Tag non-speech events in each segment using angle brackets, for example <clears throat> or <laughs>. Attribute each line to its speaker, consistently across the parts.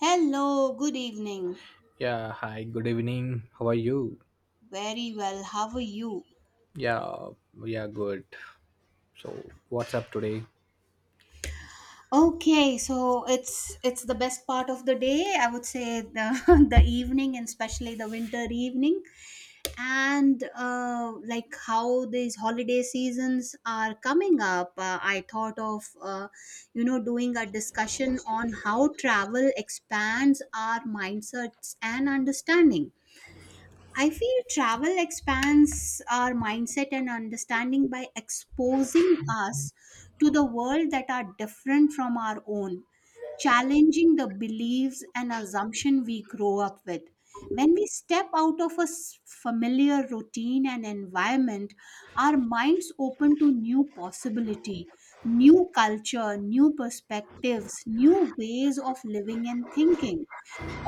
Speaker 1: Hello, good evening.
Speaker 2: Yeah, hi, good evening. How are you?
Speaker 1: Very well. How are you?
Speaker 2: Yeah, we are good. So, what's up today?
Speaker 1: Okay, so it's the best part of the day. I would say the <laughs> the evening and especially the winter evening. And like how these holiday seasons are coming up, I thought of you know doing a discussion on how travel expands our mindsets and understanding. I feel travel expands our mindset and understanding by exposing us to the world that are different from our own, challenging the beliefs and assumption we grow up with. When we step out of a familiar routine and environment, our minds open to new possibility, new culture, new perspectives, new ways of living and thinking.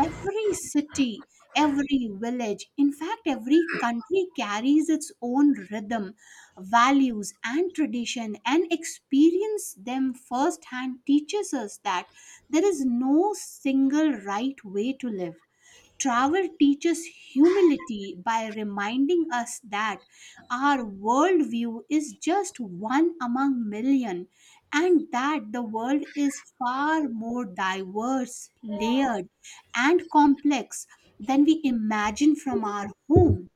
Speaker 1: Every city, every village, in fact, every country carries its own rhythm, values, and tradition, and experience them firsthand teaches us that there is no single right way to live. Travel teaches humility by reminding us that our worldview is just one among million and that the world is far more diverse, layered, and complex than we imagine from our home.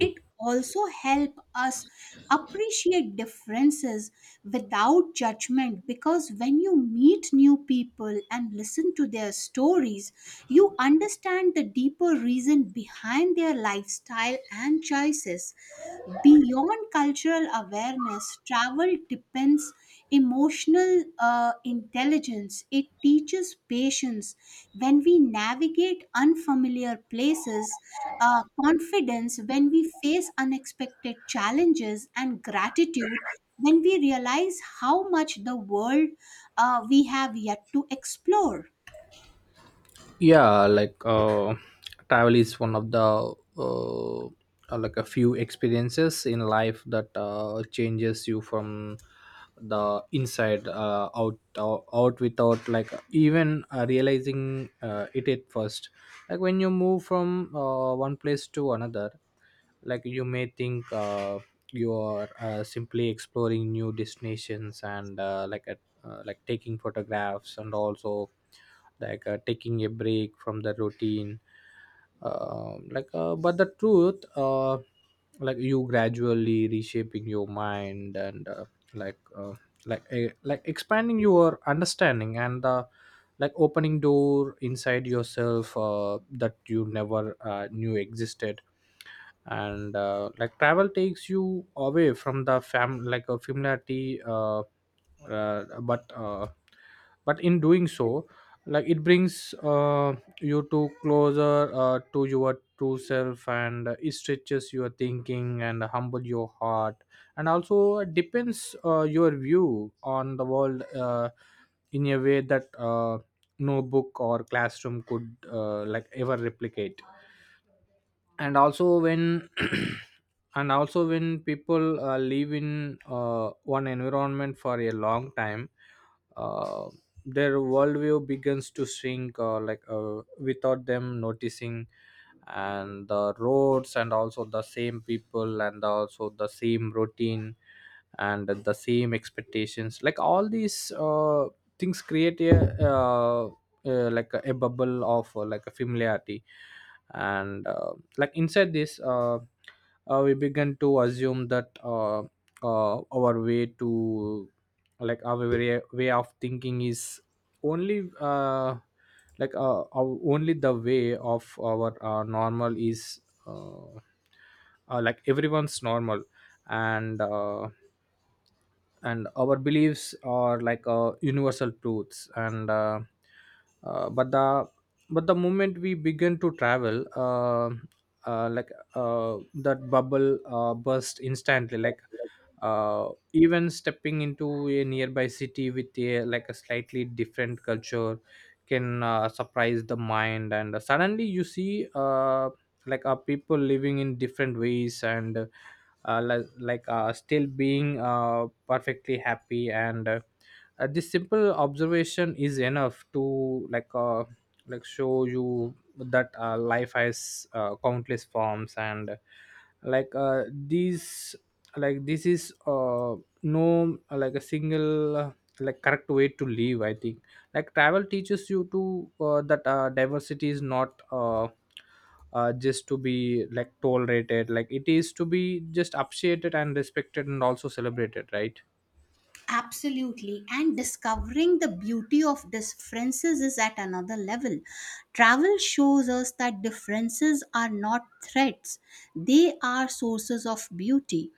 Speaker 1: It also help us appreciate differences without judgment, because when you meet new people and listen to their stories you understand the deeper reason behind their lifestyle and choices. Beyond cultural awareness, travel depends emotional intelligence. It teaches patience when we navigate unfamiliar places, confidence when we face unexpected challenges, and gratitude when we realize how much the world we have yet to explore.
Speaker 2: Yeah. Travel is one of the like a few experiences in life that changes you from the inside out, out without like even realizing it at first, like when you move from one place to another, like you may think you are simply exploring new destinations and like taking photographs and also taking a break from the routine. But the truth like you gradually reshaping your mind and like uh, like expanding your understanding and like opening door inside yourself that you never knew existed. And like travel takes you away from the fam like a familiarity, uh, but uh, but in doing so, like it brings you to closer to your true self, and it stretches your thinking and humble your heart and also depends your view on the world in a way that no book or classroom could like ever replicate. And also when <clears throat> and also when people live in one environment for a long time, uh, their worldview begins to shrink, without them noticing. And the roads and also the same people and also the same routine and the same expectations, like all these things create a a bubble of like a familiarity. And like inside this, we begin to assume that, our way to like our way, of thinking is only, only the way of our normal is uh, like everyone's normal. And uh, and our beliefs are like universal truths. And but the But the moment we begin to travel, uh, like that bubble burst instantly. Like uh, even stepping into a nearby city with a like a slightly different culture can surprise the mind, and suddenly you see people living in different ways and still being perfectly happy. And This simple observation is enough to like show you that life has countless forms, and like these like this is no like a single like correct way to live, I think. Like travel teaches you to that diversity is not, just to be like tolerated, like it is to be just appreciated and respected and also celebrated, right?
Speaker 1: Absolutely, and discovering the beauty of differences is at another level. Travel shows us that differences are not threats, they are sources of beauty.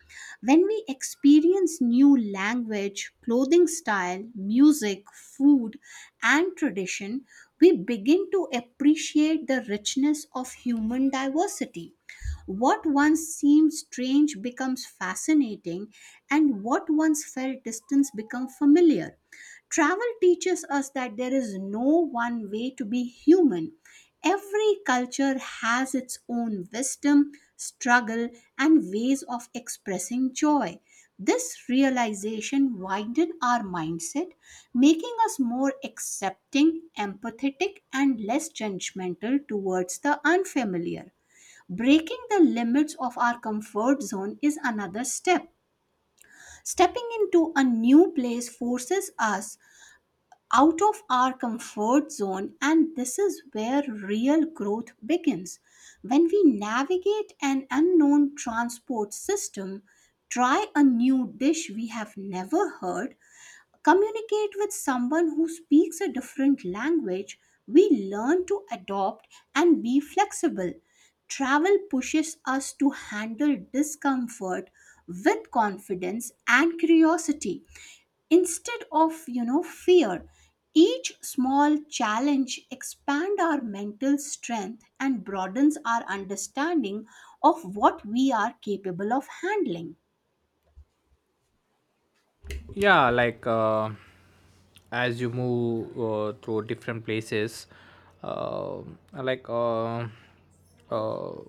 Speaker 1: When we experience new language, clothing style, music, food, and tradition, we begin to appreciate the richness of human diversity. What once seemed strange becomes fascinating, and what once felt distant becomes familiar. Travel teaches us that there is no one way to be human. Every culture has its own wisdom, struggle, and ways of expressing joy. This realization widened our mindset, making us more accepting, empathetic, and less judgmental towards the unfamiliar. Breaking the limits of our comfort zone is another step. Stepping into a new place forces us out of our comfort zone, and this is where real growth begins. When we navigate an unknown transport system, try a new dish we have never heard, communicate with someone who speaks a different language, we learn to adopt and be flexible. Travel pushes us to handle discomfort with confidence and curiosity instead of, you know, fear. Each small challenge expand our mental strength and broadens our understanding of what we are capable of handling.
Speaker 2: Yeah. As you move through different places, uh, like uh, uh, uh,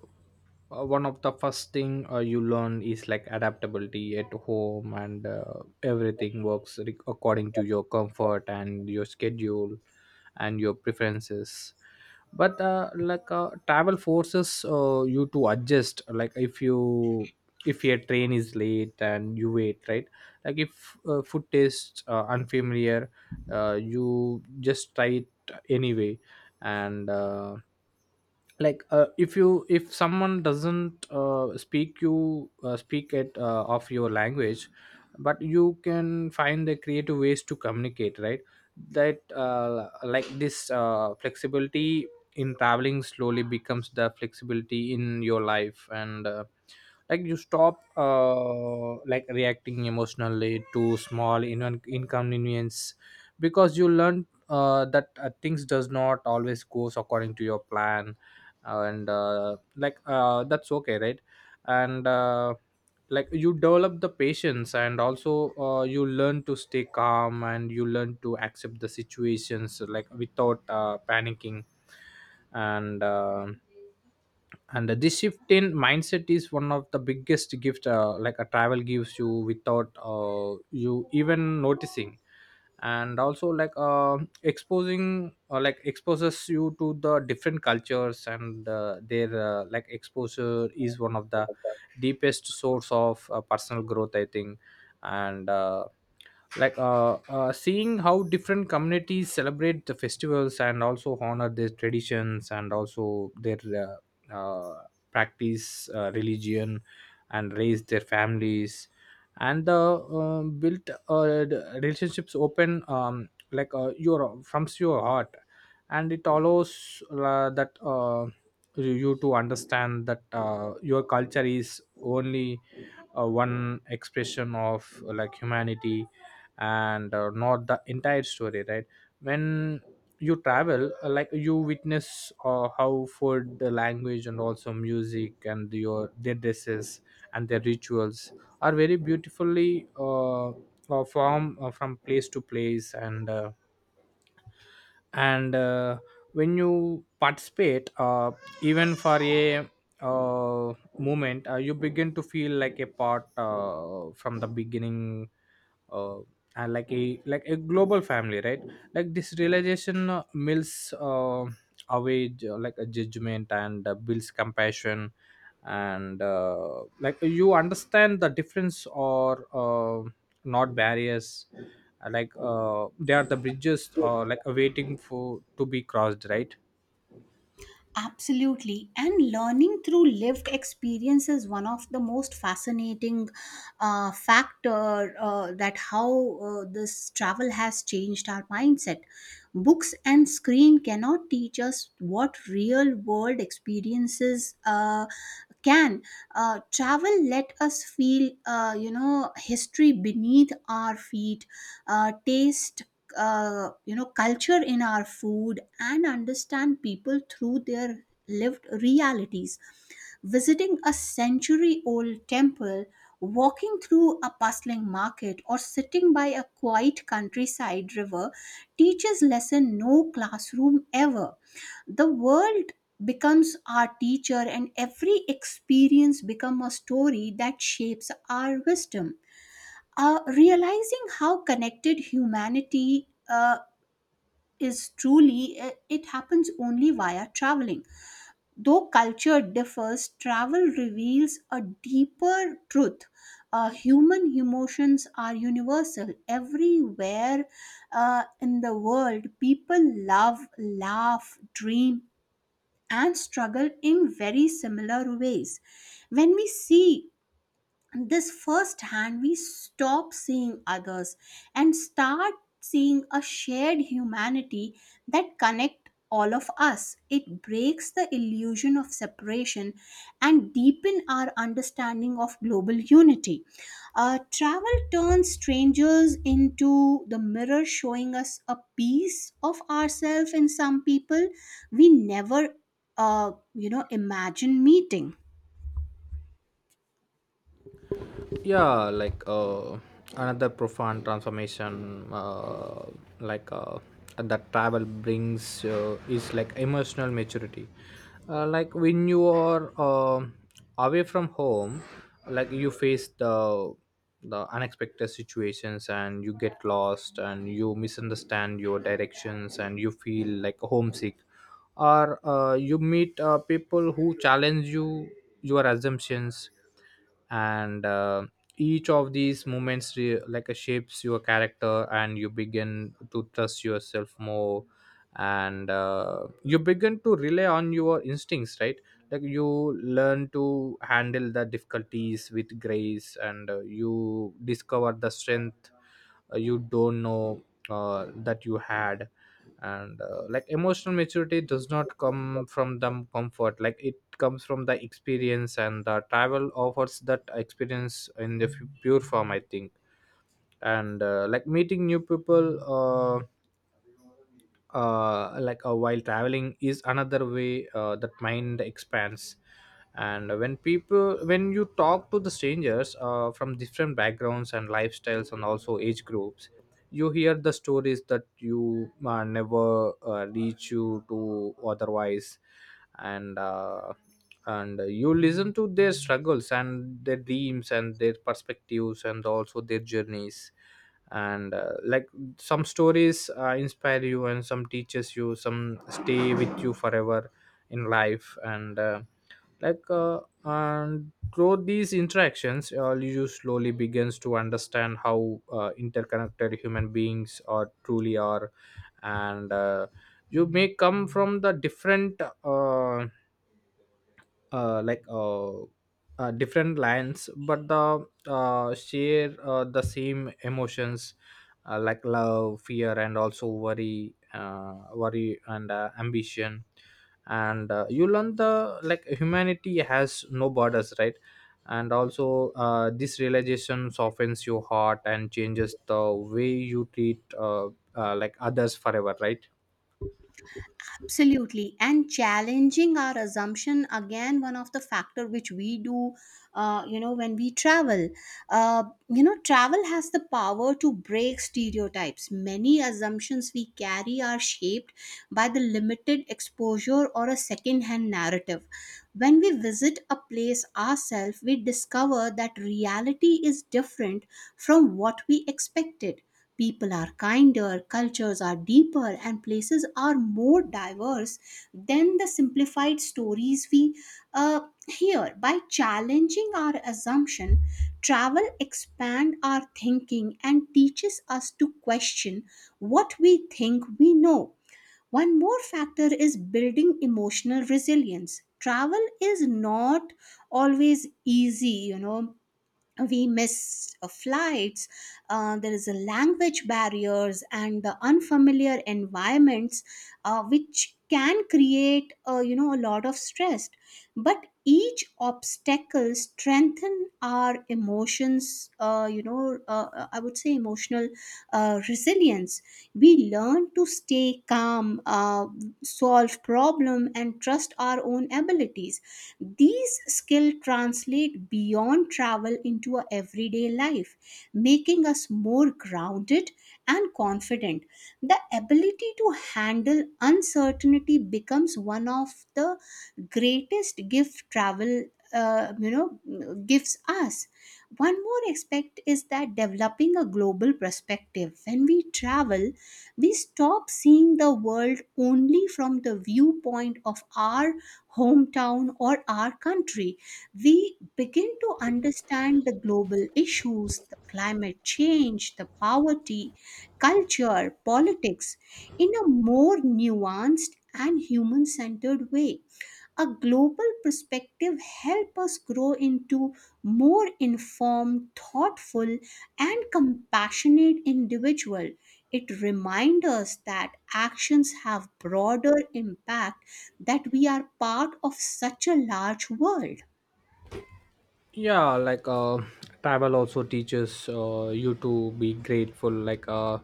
Speaker 2: one of the first thing you learn is like adaptability. At home, and everything works according to your comfort and your schedule and your preferences, but travel forces you to adjust. Like if you, if your train is late and you wait, right? Like if food tastes unfamiliar, you just try it anyway. And if you, if someone doesn't speak you speak it of your language, but you can find the creative ways to communicate, right? That, like this flexibility in traveling slowly becomes the flexibility in your life. And like you stop like reacting emotionally to small inconvenience, because you learn that things does not always goes according to your plan, and that's okay, right? And like you develop the patience, and also you learn to stay calm and you learn to accept the situations like without panicking. And uh, and this shift in mindset is one of the biggest gift, like a travel gives you without you even noticing. And also exposing, or like exposes you to the different cultures, and their, like exposure is one of the deepest source of personal growth, I think. And like Seeing how different communities celebrate the festivals and also honor their traditions and also their practice religion and raise their families and built the relationships open your from your heart. And it allows that you to understand that your culture is only one expression of like humanity, and not the entire story, right? When you travel, like you witness how food, the language, and also music, and your their dresses and their rituals are very beautifully from, from place to place. And when you participate, even for a uh, moment, you begin to feel like a part, from the beginning, uh, and like a global family, right? Like this realization mills away like a judgment, and builds compassion. And like you understand the difference or, not barriers, they are the bridges, waiting for to be crossed, right?
Speaker 1: Absolutely. And learning through lived experience is one of the most fascinating factor that how this travel has changed our mindset. Books and screen cannot teach us what real world experiences can. Travel let us feel, you know, history beneath our feet, taste you know culture in our food, and understand people through their lived realities. Visiting a century old temple, walking through a bustling market, or sitting by a quiet countryside river teaches lesson no classroom ever. The world becomes our teacher and every experience become a story that shapes our wisdom. Realizing how connected humanity is truly, it happens only via traveling. Though culture differs, travel reveals a deeper truth. Human emotions are universal. Everywhere in the world, people love, laugh, dream, and struggle in very similar ways. When we see this firsthand, we stop seeing others and start seeing a shared humanity that connect all of us. It breaks the illusion of separation and deepen our understanding of global unity. Travel turns strangers into the mirror, showing us a piece of ourselves in some people we never you know imagine meeting.
Speaker 2: Yeah. Another profound transformation, like uh, that travel brings is like emotional maturity. Like when you are away from home, like you face the unexpected situations, and you get lost and you misunderstand your directions and you feel like homesick, or you meet people who challenge you, your assumptions. And each of these moments shapes your character, and you begin to trust yourself more, and you begin to rely on your instincts, right? Like you learn to handle the difficulties with grace, and you discover the strength you don't know that you had. And like emotional maturity does not come from the comfort, like it comes from the experience, and the travel offers that experience in the pure form, I think. And like meeting new people, uh, while traveling is another way that mind expands. And when people, when you talk to the strangers from different backgrounds and lifestyles and also age groups, you hear the stories that you never reach you to otherwise. And uh, and you listen to their struggles and their dreams and their perspectives and also their journeys. And like some stories inspire you and some teaches you some stay with you forever in life And through these interactions, you slowly begins to understand how interconnected human beings are truly are. And you may come from the different, uh, like uh, different lines, but the share the same emotions, like love, fear, and also worry and ambition. And you learn the like humanity has no borders, right? And also this realization softens your heart and changes the way you treat, like others forever, right?
Speaker 1: Absolutely, and challenging our assumption again, one of the factor which we do you know when we travel. You know, travel has the power to break stereotypes. Many assumptions we carry are shaped by the limited exposure or a second hand narrative. When we visit a place ourselves we discover that reality is different from what we expected. People are kinder, cultures are deeper, and places are more diverse than the simplified stories we hear. By challenging our assumption, travel expands our thinking and teaches us to question what we think we know. One more factor is building emotional resilience. Travel is not always easy, you know. We miss flights, there is a language barriers and the unfamiliar environments which can create, you know, a lot of stress, but each obstacle strengthen our emotions. I would say emotional resilience. We learn to stay calm, so solve problem and trust our own abilities. These skills translate beyond travel into our everyday life, making us more grounded and confident. The ability to handle uncertainty becomes one of the greatest gift travel you know gives us. One more aspect is that developing a global perspective. When we travel, we stop seeing the world only from the viewpoint of our hometown or our country. We begin to understand the global issues, the climate change, the poverty, culture, politics in a more nuanced and human centered way. A global perspective help us grow into more informed, thoughtful, and compassionate individual. It reminds us that actions have broader impact, that we are part of such a large world.
Speaker 2: Yeah. Travel also teaches you to be grateful. Like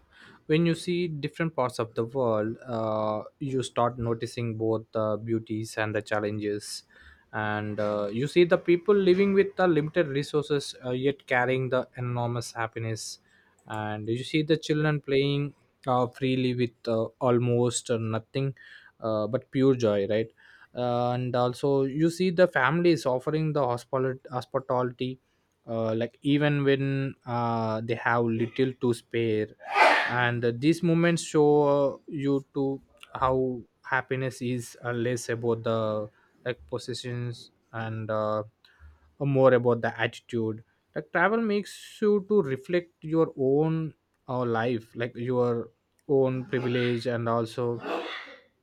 Speaker 2: when you see different parts of the world, you start noticing both the beauties and the challenges. And you see the people living with the limited resources, yet carrying the enormous happiness, and you see the children playing freely with almost nothing, but pure joy, right? And also you see the families offering the hospitality, like even when they have little to spare. And these moments show you to how happiness is less about the like possessions, and more about the attitude. Like travel makes you to reflect your own, life, like your own privilege and also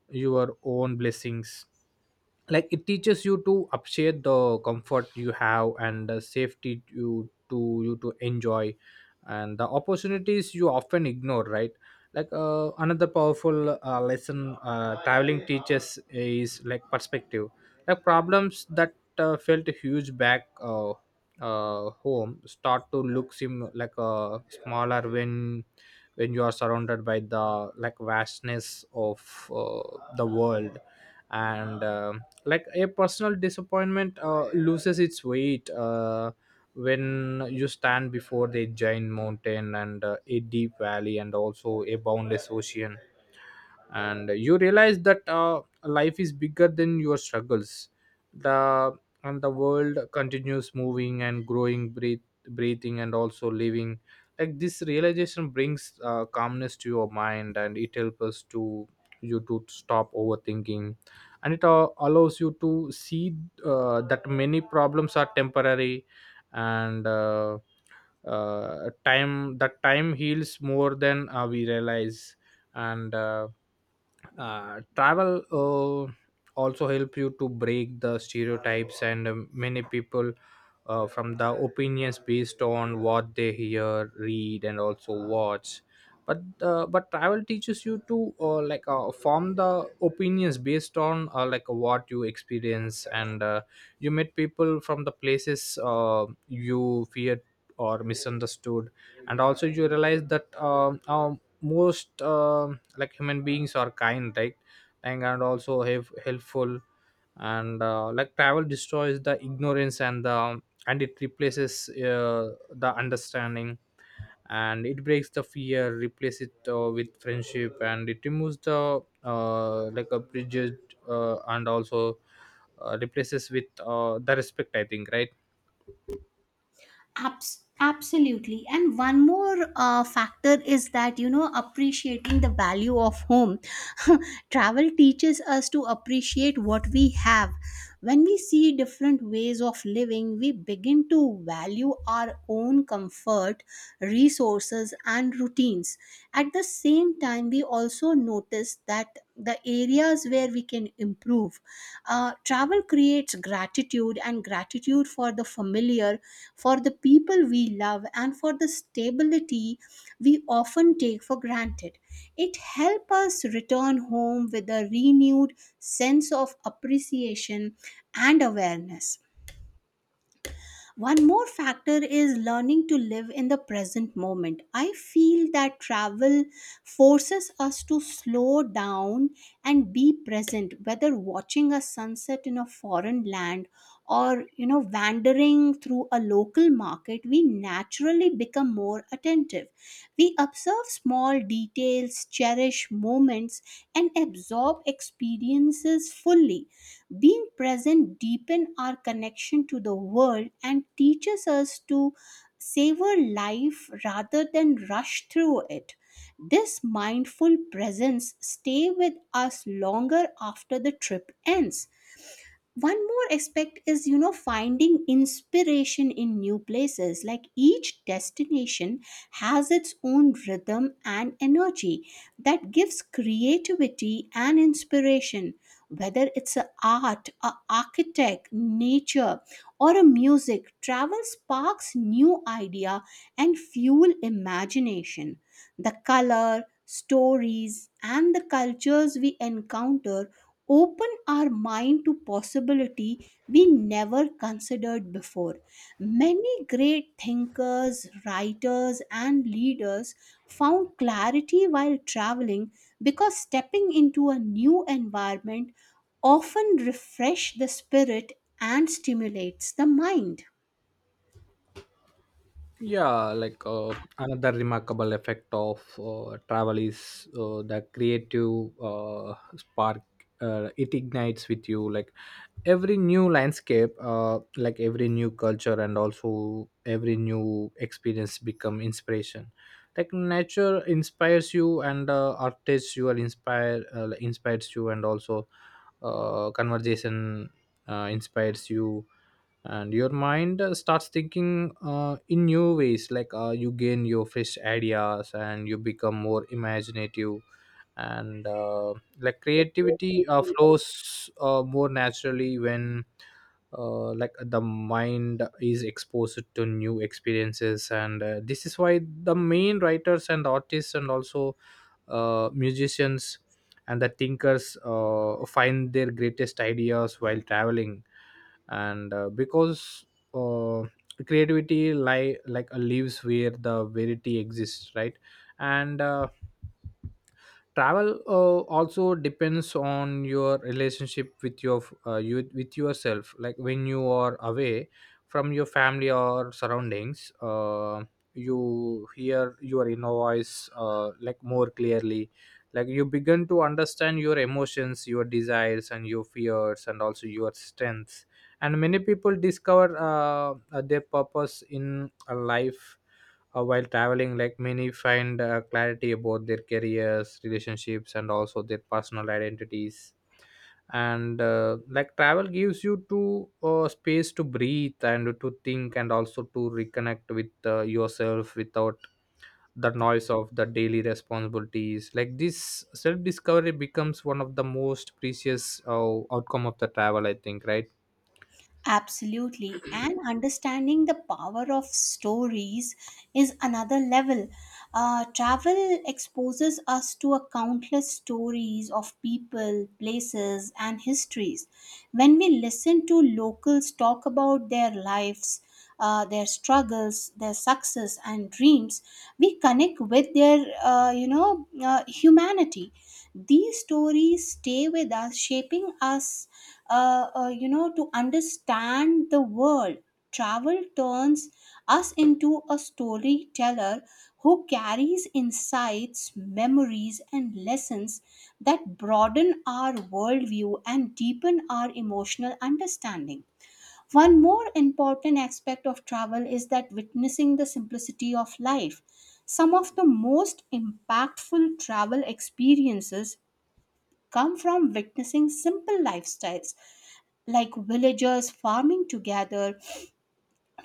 Speaker 2: your own blessings. Like it teaches you to appreciate the comfort you have, and the safety you to you to enjoy, and the opportunities you often ignore, right? Like another powerful lesson traveling teaches is like perspective. Like problems that felt huge back home start to look, seem like smaller when you are surrounded by the like vastness of the world. And like a personal disappointment loses its weight when you stand before the giant mountain and a deep valley and also a boundless ocean, and you realize that life is bigger than your struggles. The and the world continues moving and growing, breath, breathing and also living. Like this realization brings calmness to your mind, and it helps us to you to stop overthinking, and it allows you to see that many problems are temporary, and time that time heals more than we realize. And travel uh, also help you to break the stereotypes, and many people from the opinions based on what they hear, read, and also Watch. But but travel teaches you to form the opinions based on like what you experience. And you meet people from the places you feared or misunderstood. And also you realize that most like human beings are kind, right? And also have helpful. And like travel destroys the ignorance and the and it replaces the understanding. And it breaks the fear, replace it with friendship, and it removes the like a bridge. And also replaces with the respect, I think, right?
Speaker 1: Absolutely. And one more factor is that, you know, appreciating the value of home. <laughs> Travel teaches us to appreciate what we have. When we see different ways of living, we begin to value our own comfort, resources, and routines. At the same time, we also notice that the areas where we can improve. Travel creates gratitude, and gratitude for the familiar, for the people we love, and for the stability we often take for granted. It helps us return home with a renewed sense of appreciation and awareness. One more factor is learning to live in the present moment. I feel that travel forces us to slow down and be present, whether watching a sunset in a foreign land or, you know, wandering through a local market. We naturally become more attentive. We observe small recall details, cherish moments, and absorb experiences fully. Being present deepen our connection to the world and teaches us to savor life rather than rush through it. This mindful presence stay with us longer after the trip ends. One more aspect is, you know, finding inspiration in new places. Like each destination has its own rhythm and energy that gives creativity and inspiration, whether it's a art, a architect, nature, or a music. Travel sparks new idea and fuel imagination. The color stories and the cultures we encounter open our mind to possibility we never considered before. Many great thinkers, writers, and leaders found clarity while traveling, because stepping into a new environment often refresh the spirit and stimulates the mind.
Speaker 2: Yeah. Another remarkable effect of travel is the creative spark. It ignites with you. Like, every new landscape, like every new culture, and also every new experience become inspiration. Like, nature inspires you, and artists you are inspired inspires you, and also conversation inspires you. And your mind starts thinking in new ways. Like, you gain your fresh ideas and you become more imaginative. And like creativity flows more naturally when like the mind is exposed to new experiences. And this is why the main writers and artists, and also musicians and the thinkers find their greatest ideas while traveling. And because uh, creativity lie like lives where the verity exists, right? And travel also depends on your relationship with your you with yourself. Like, when you are away from your family or surroundings, you hear your inner voice like more clearly. Like, you begin to understand your emotions, your desires, and your fears, and also your strengths. And many people discover their purpose in a life while traveling. Like, many find clarity about their careers, relationships, and also their personal identities. And like travel gives you to space to breathe and to think, and also to reconnect with yourself without the noise of the daily responsibilities. Like, this self discovery becomes one of the most precious outcome of the travel, I think, right?
Speaker 1: Absolutely. And understanding the power of stories is another level. Travel exposes us to a countless stories of people, places, and histories. When we listen to locals talk about their lives, their struggles, their success and dreams. We connect with their, humanity. These stories stay with us, shaping us, you know, to understand the world. Travel turns us into a storyteller who carries insights, memories, and lessons that broaden our worldview and deepen our emotional understanding. One more important aspect of travel is that witnessing the simplicity of life. Some of the most impactful travel experiences come from witnessing simple lifestyles, like villagers farming together,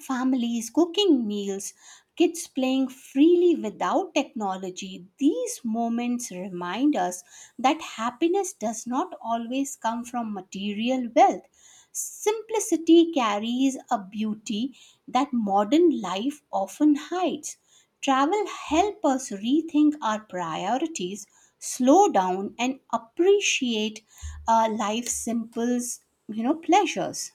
Speaker 1: families cooking meals, kids playing freely without technology. These moments remind us that happiness does not always come from material wealth. Simplicity carries a beauty that modern life often hides. Travel help us rethink our priorities, slow down, and appreciate life's simple, you know, pleasures.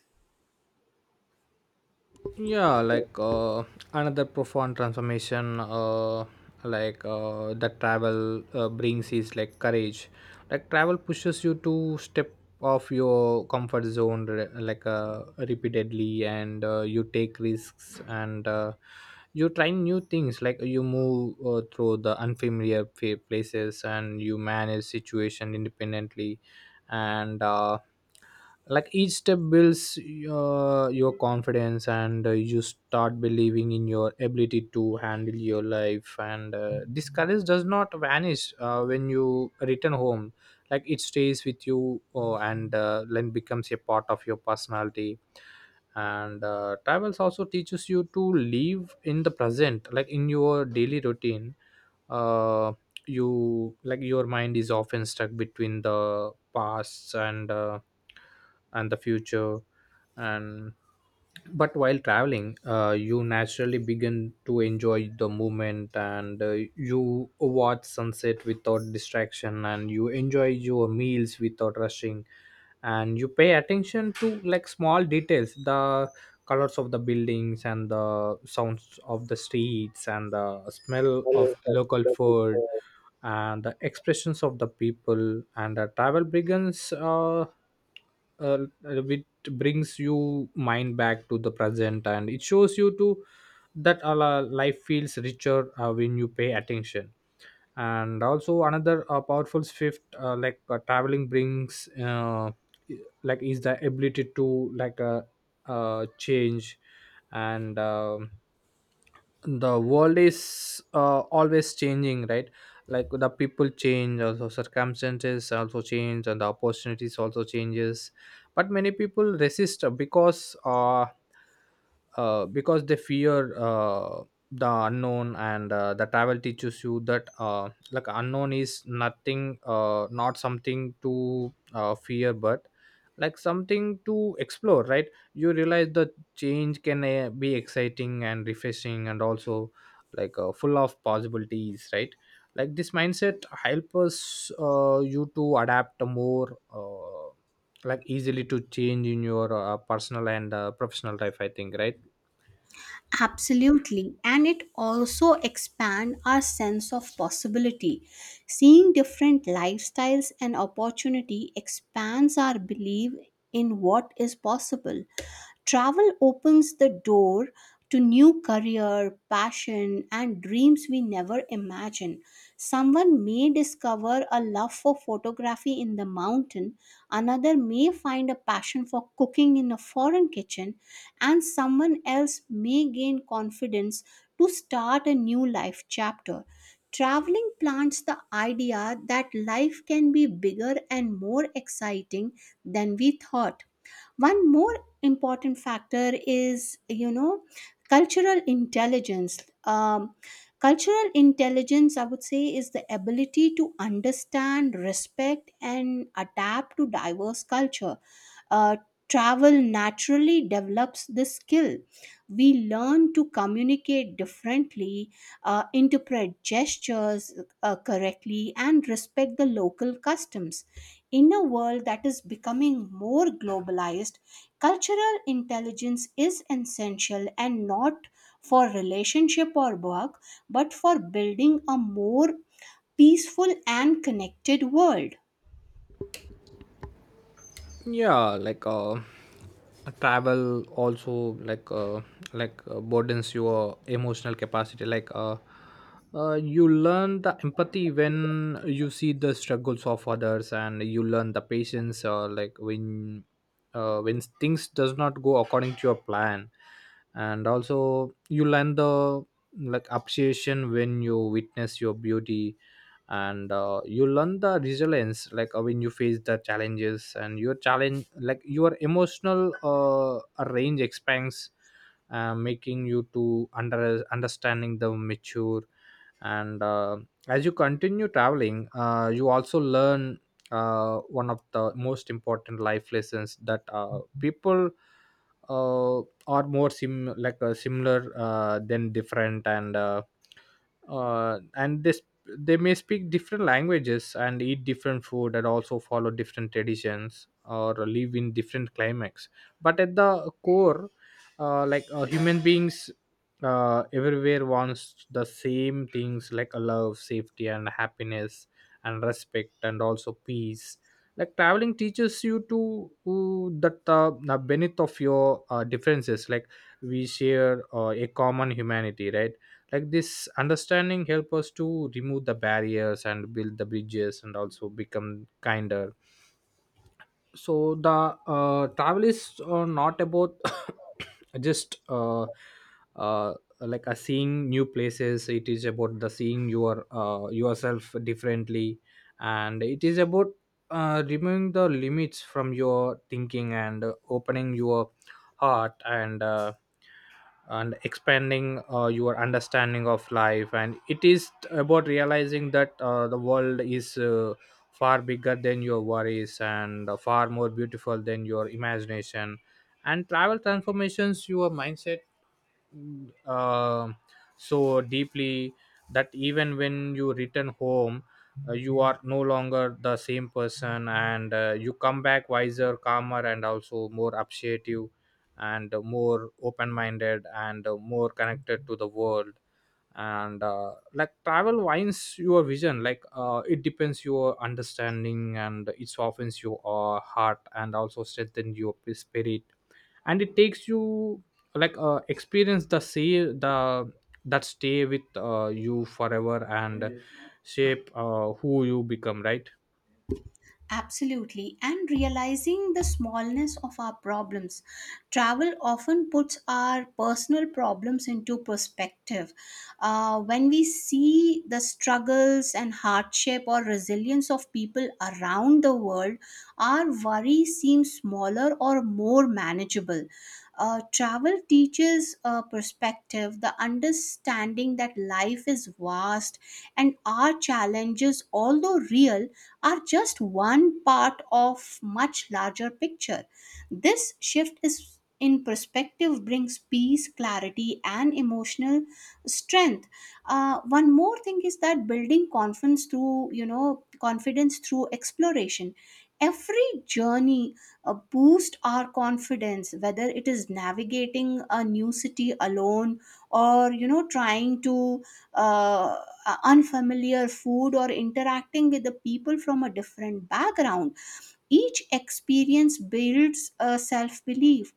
Speaker 2: Yeah. Another profound transformation that travel brings is like courage. Like, travel pushes you to step off your comfort zone repeatedly, and you take risks, and you try new things. Like, you move through the places, and you manage situation independently. And like each step builds your confidence, and you start believing in your ability to handle your life. And this courage does not vanish when you return home. Like, it stays with you, and then becomes a part of your personality. And travels also teaches you to live in the present. Like, in your daily routine, uh, you like your mind is often stuck between the past and the future. And But while traveling, you naturally begin to enjoy the movement, and you watch sunset without distraction, and you enjoy your meals without rushing. And you pay attention to like small details, the colors of the buildings, and the sounds of the streets, and the smell of local food, and the expressions of the people. And the travel begins with brings you mind back to the present, and it shows you to that life feels richer when you pay attention. And also another powerful shift traveling brings like is the ability to change. And the world is always changing, right? Like, the people change, also circumstances also change, and the opportunities also changes. But many people resist because they fear the unknown. And the travel teaches you that like unknown is nothing, not something to fear, but like something to explore, right? You realize the change can be exciting and refreshing, and also full of possibilities, right? Like, this mindset help us you to adapt more like easily to change in your personal and professional life, I think, right?
Speaker 1: Absolutely, and it also expand our sense of possibility. Seeing different lifestyles and opportunity expands our belief in what is possible. Travel opens the door to new career, passion, and dreams we never imagined. Someone may discover a love for photography in the mountain, another may find a passion for cooking in a foreign kitchen, and someone else may gain confidence to start a new life chapter. Traveling plants the idea that life can be bigger and more exciting than we thought. One more important factor is, you know, cultural intelligence. Um, Cultural intelligence, I would say, is the ability to understand, respect, and adapt to diverse culture. Uh, Travel naturally develops this skill. We learn to communicate differently, interpret gestures correctly, and respect the local customs. In a world that is becoming more globalized, cultural intelligence is essential, and not for relationship or work, but for building a more peaceful and connected world.
Speaker 2: Yeah. Travel also broadens your emotional capacity. You learn the empathy when you see the struggles of others, and you learn the patience when things does not go according to your plan. And also you learn the like appreciation when you witness your beauty. And you learn the resilience, when you face the challenges and your challenge, like your emotional range expands, making you to understanding the mature. And as you continue traveling, you also learn one of the most important life lessons, that people uh, are more similar than different. And this, they may speak different languages and eat different food, and also follow different traditions or live in different climates. But at the core, human beings everywhere wants the same things, like a love, safety, and happiness, and respect, and also peace. Like, traveling teaches you to that the benefit of your differences, like we share a common humanity, right? Like, this understanding help us to remove the barriers, and build the bridges, and also become kinder. So the travel is not about <coughs> just uh, a seeing new places. It is about the seeing your yourself differently. And it is about removing the limits from your thinking, and opening your heart, and expanding your understanding of life. And it is about realizing that the world is far bigger than your worries, and far more beautiful than your imagination. And travel transformations your mindset uh, so deeply that even when you return home, you are no longer the same person. And you come back wiser, calmer, and also more appreciative, and more open minded, and more connected to the world. And like travel winds your vision, it depends your understanding, and it softens your heart, and also strengthens your spirit. And it takes you experience the sea the that stay with you forever, and shape who you become, right?
Speaker 1: Absolutely, and realizing the smallness of our problems. Travel often puts our personal problems into perspective. When we see the struggles and hardship or resilience of people around the world, our worry seems smaller or more manageable. Travel teaches a perspective, the understanding that life is vast and our challenges, although real, are just one part of much larger picture. This shift is in perspective brings peace, clarity, and emotional strength. One more thing is that building confidence through, you know, confidence through exploration. Every journey boost our confidence, whether it is navigating a new city alone or, you know, trying to uh, unfamiliar food, or interacting with the people from a different background. Each experience builds a self belief.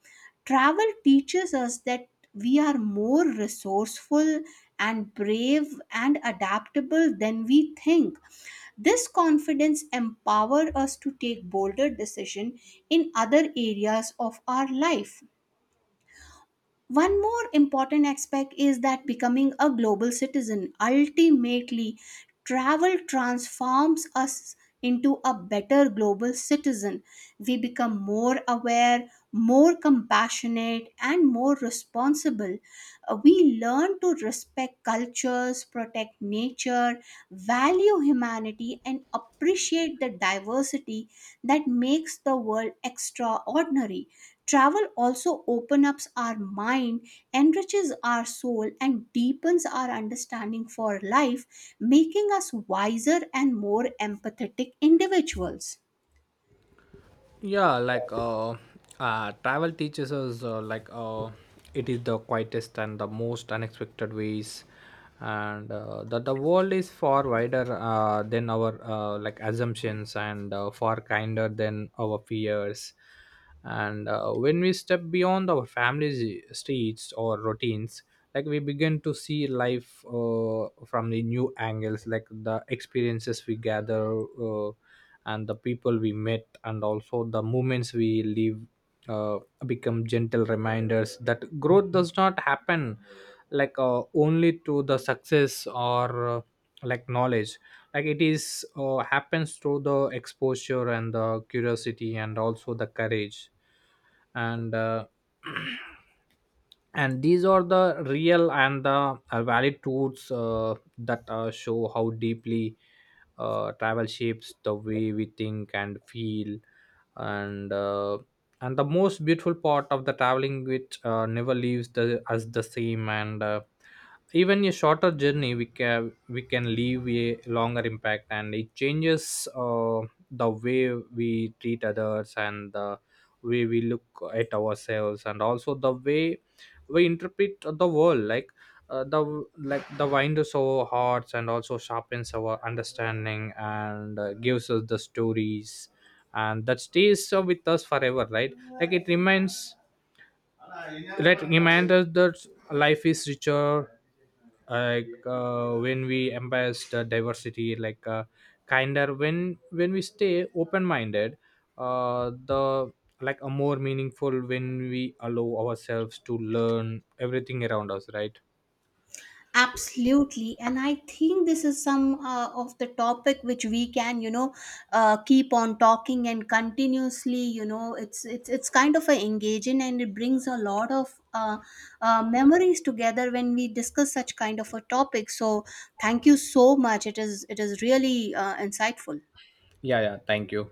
Speaker 1: Travel teaches us that we are more resourceful and brave and adaptable than we think. This confidence empowers us to take bolder decisions in other areas of our life. One more important aspect is that becoming a global citizen. Ultimately travel transforms us into a better global citizen. We become more aware, more compassionate, and more responsible. We learn to respect cultures, protect nature, value humanity, and appreciate the diversity that makes the world extraordinary. Travel also opens up our mind, enriches our soul, and deepens our understanding for life, making us wiser and more empathetic individuals.
Speaker 2: Yeah. Travel teaches us it is the quietest and the most unexpected ways, and that the world is far wider than our assumptions, and far kinder than our fears. And when we step beyond our family's streets or routines, like we begin to see life from the new angles. Like, the experiences we gather, and the people we met, and also the moments we live uh, become gentle reminders that growth does not happen only to the success or knowledge. Like, it is happens through the exposure, and the curiosity, and also the courage. And <clears throat> and these are the real and the valid truths that show how deeply travel shapes the way we think and feel. And uh, and the most beautiful part of the traveling, which never leaves us the same. And even a shorter journey, we can leave a longer impact, and it changes the way we treat others, and the way we look at ourselves, and also the way we interpret the world. Like, the wind is so hot, and also sharpens our understanding, and gives us the stories, and that stays with us forever, right? Like, it reminds that reminds us that life is richer, when we embrace the diversity, kinder when we stay open minded, the like a more meaningful when we allow ourselves to learn everything around us, right?
Speaker 1: Absolutely, and I think this is some of the topic which we can, you know, keep on talking and continuously, you know, it's kind of a engaging, and it brings a lot of memories together when we discuss such kind of a topic. So thank you so much. It is really insightful.
Speaker 2: Yeah, thank you.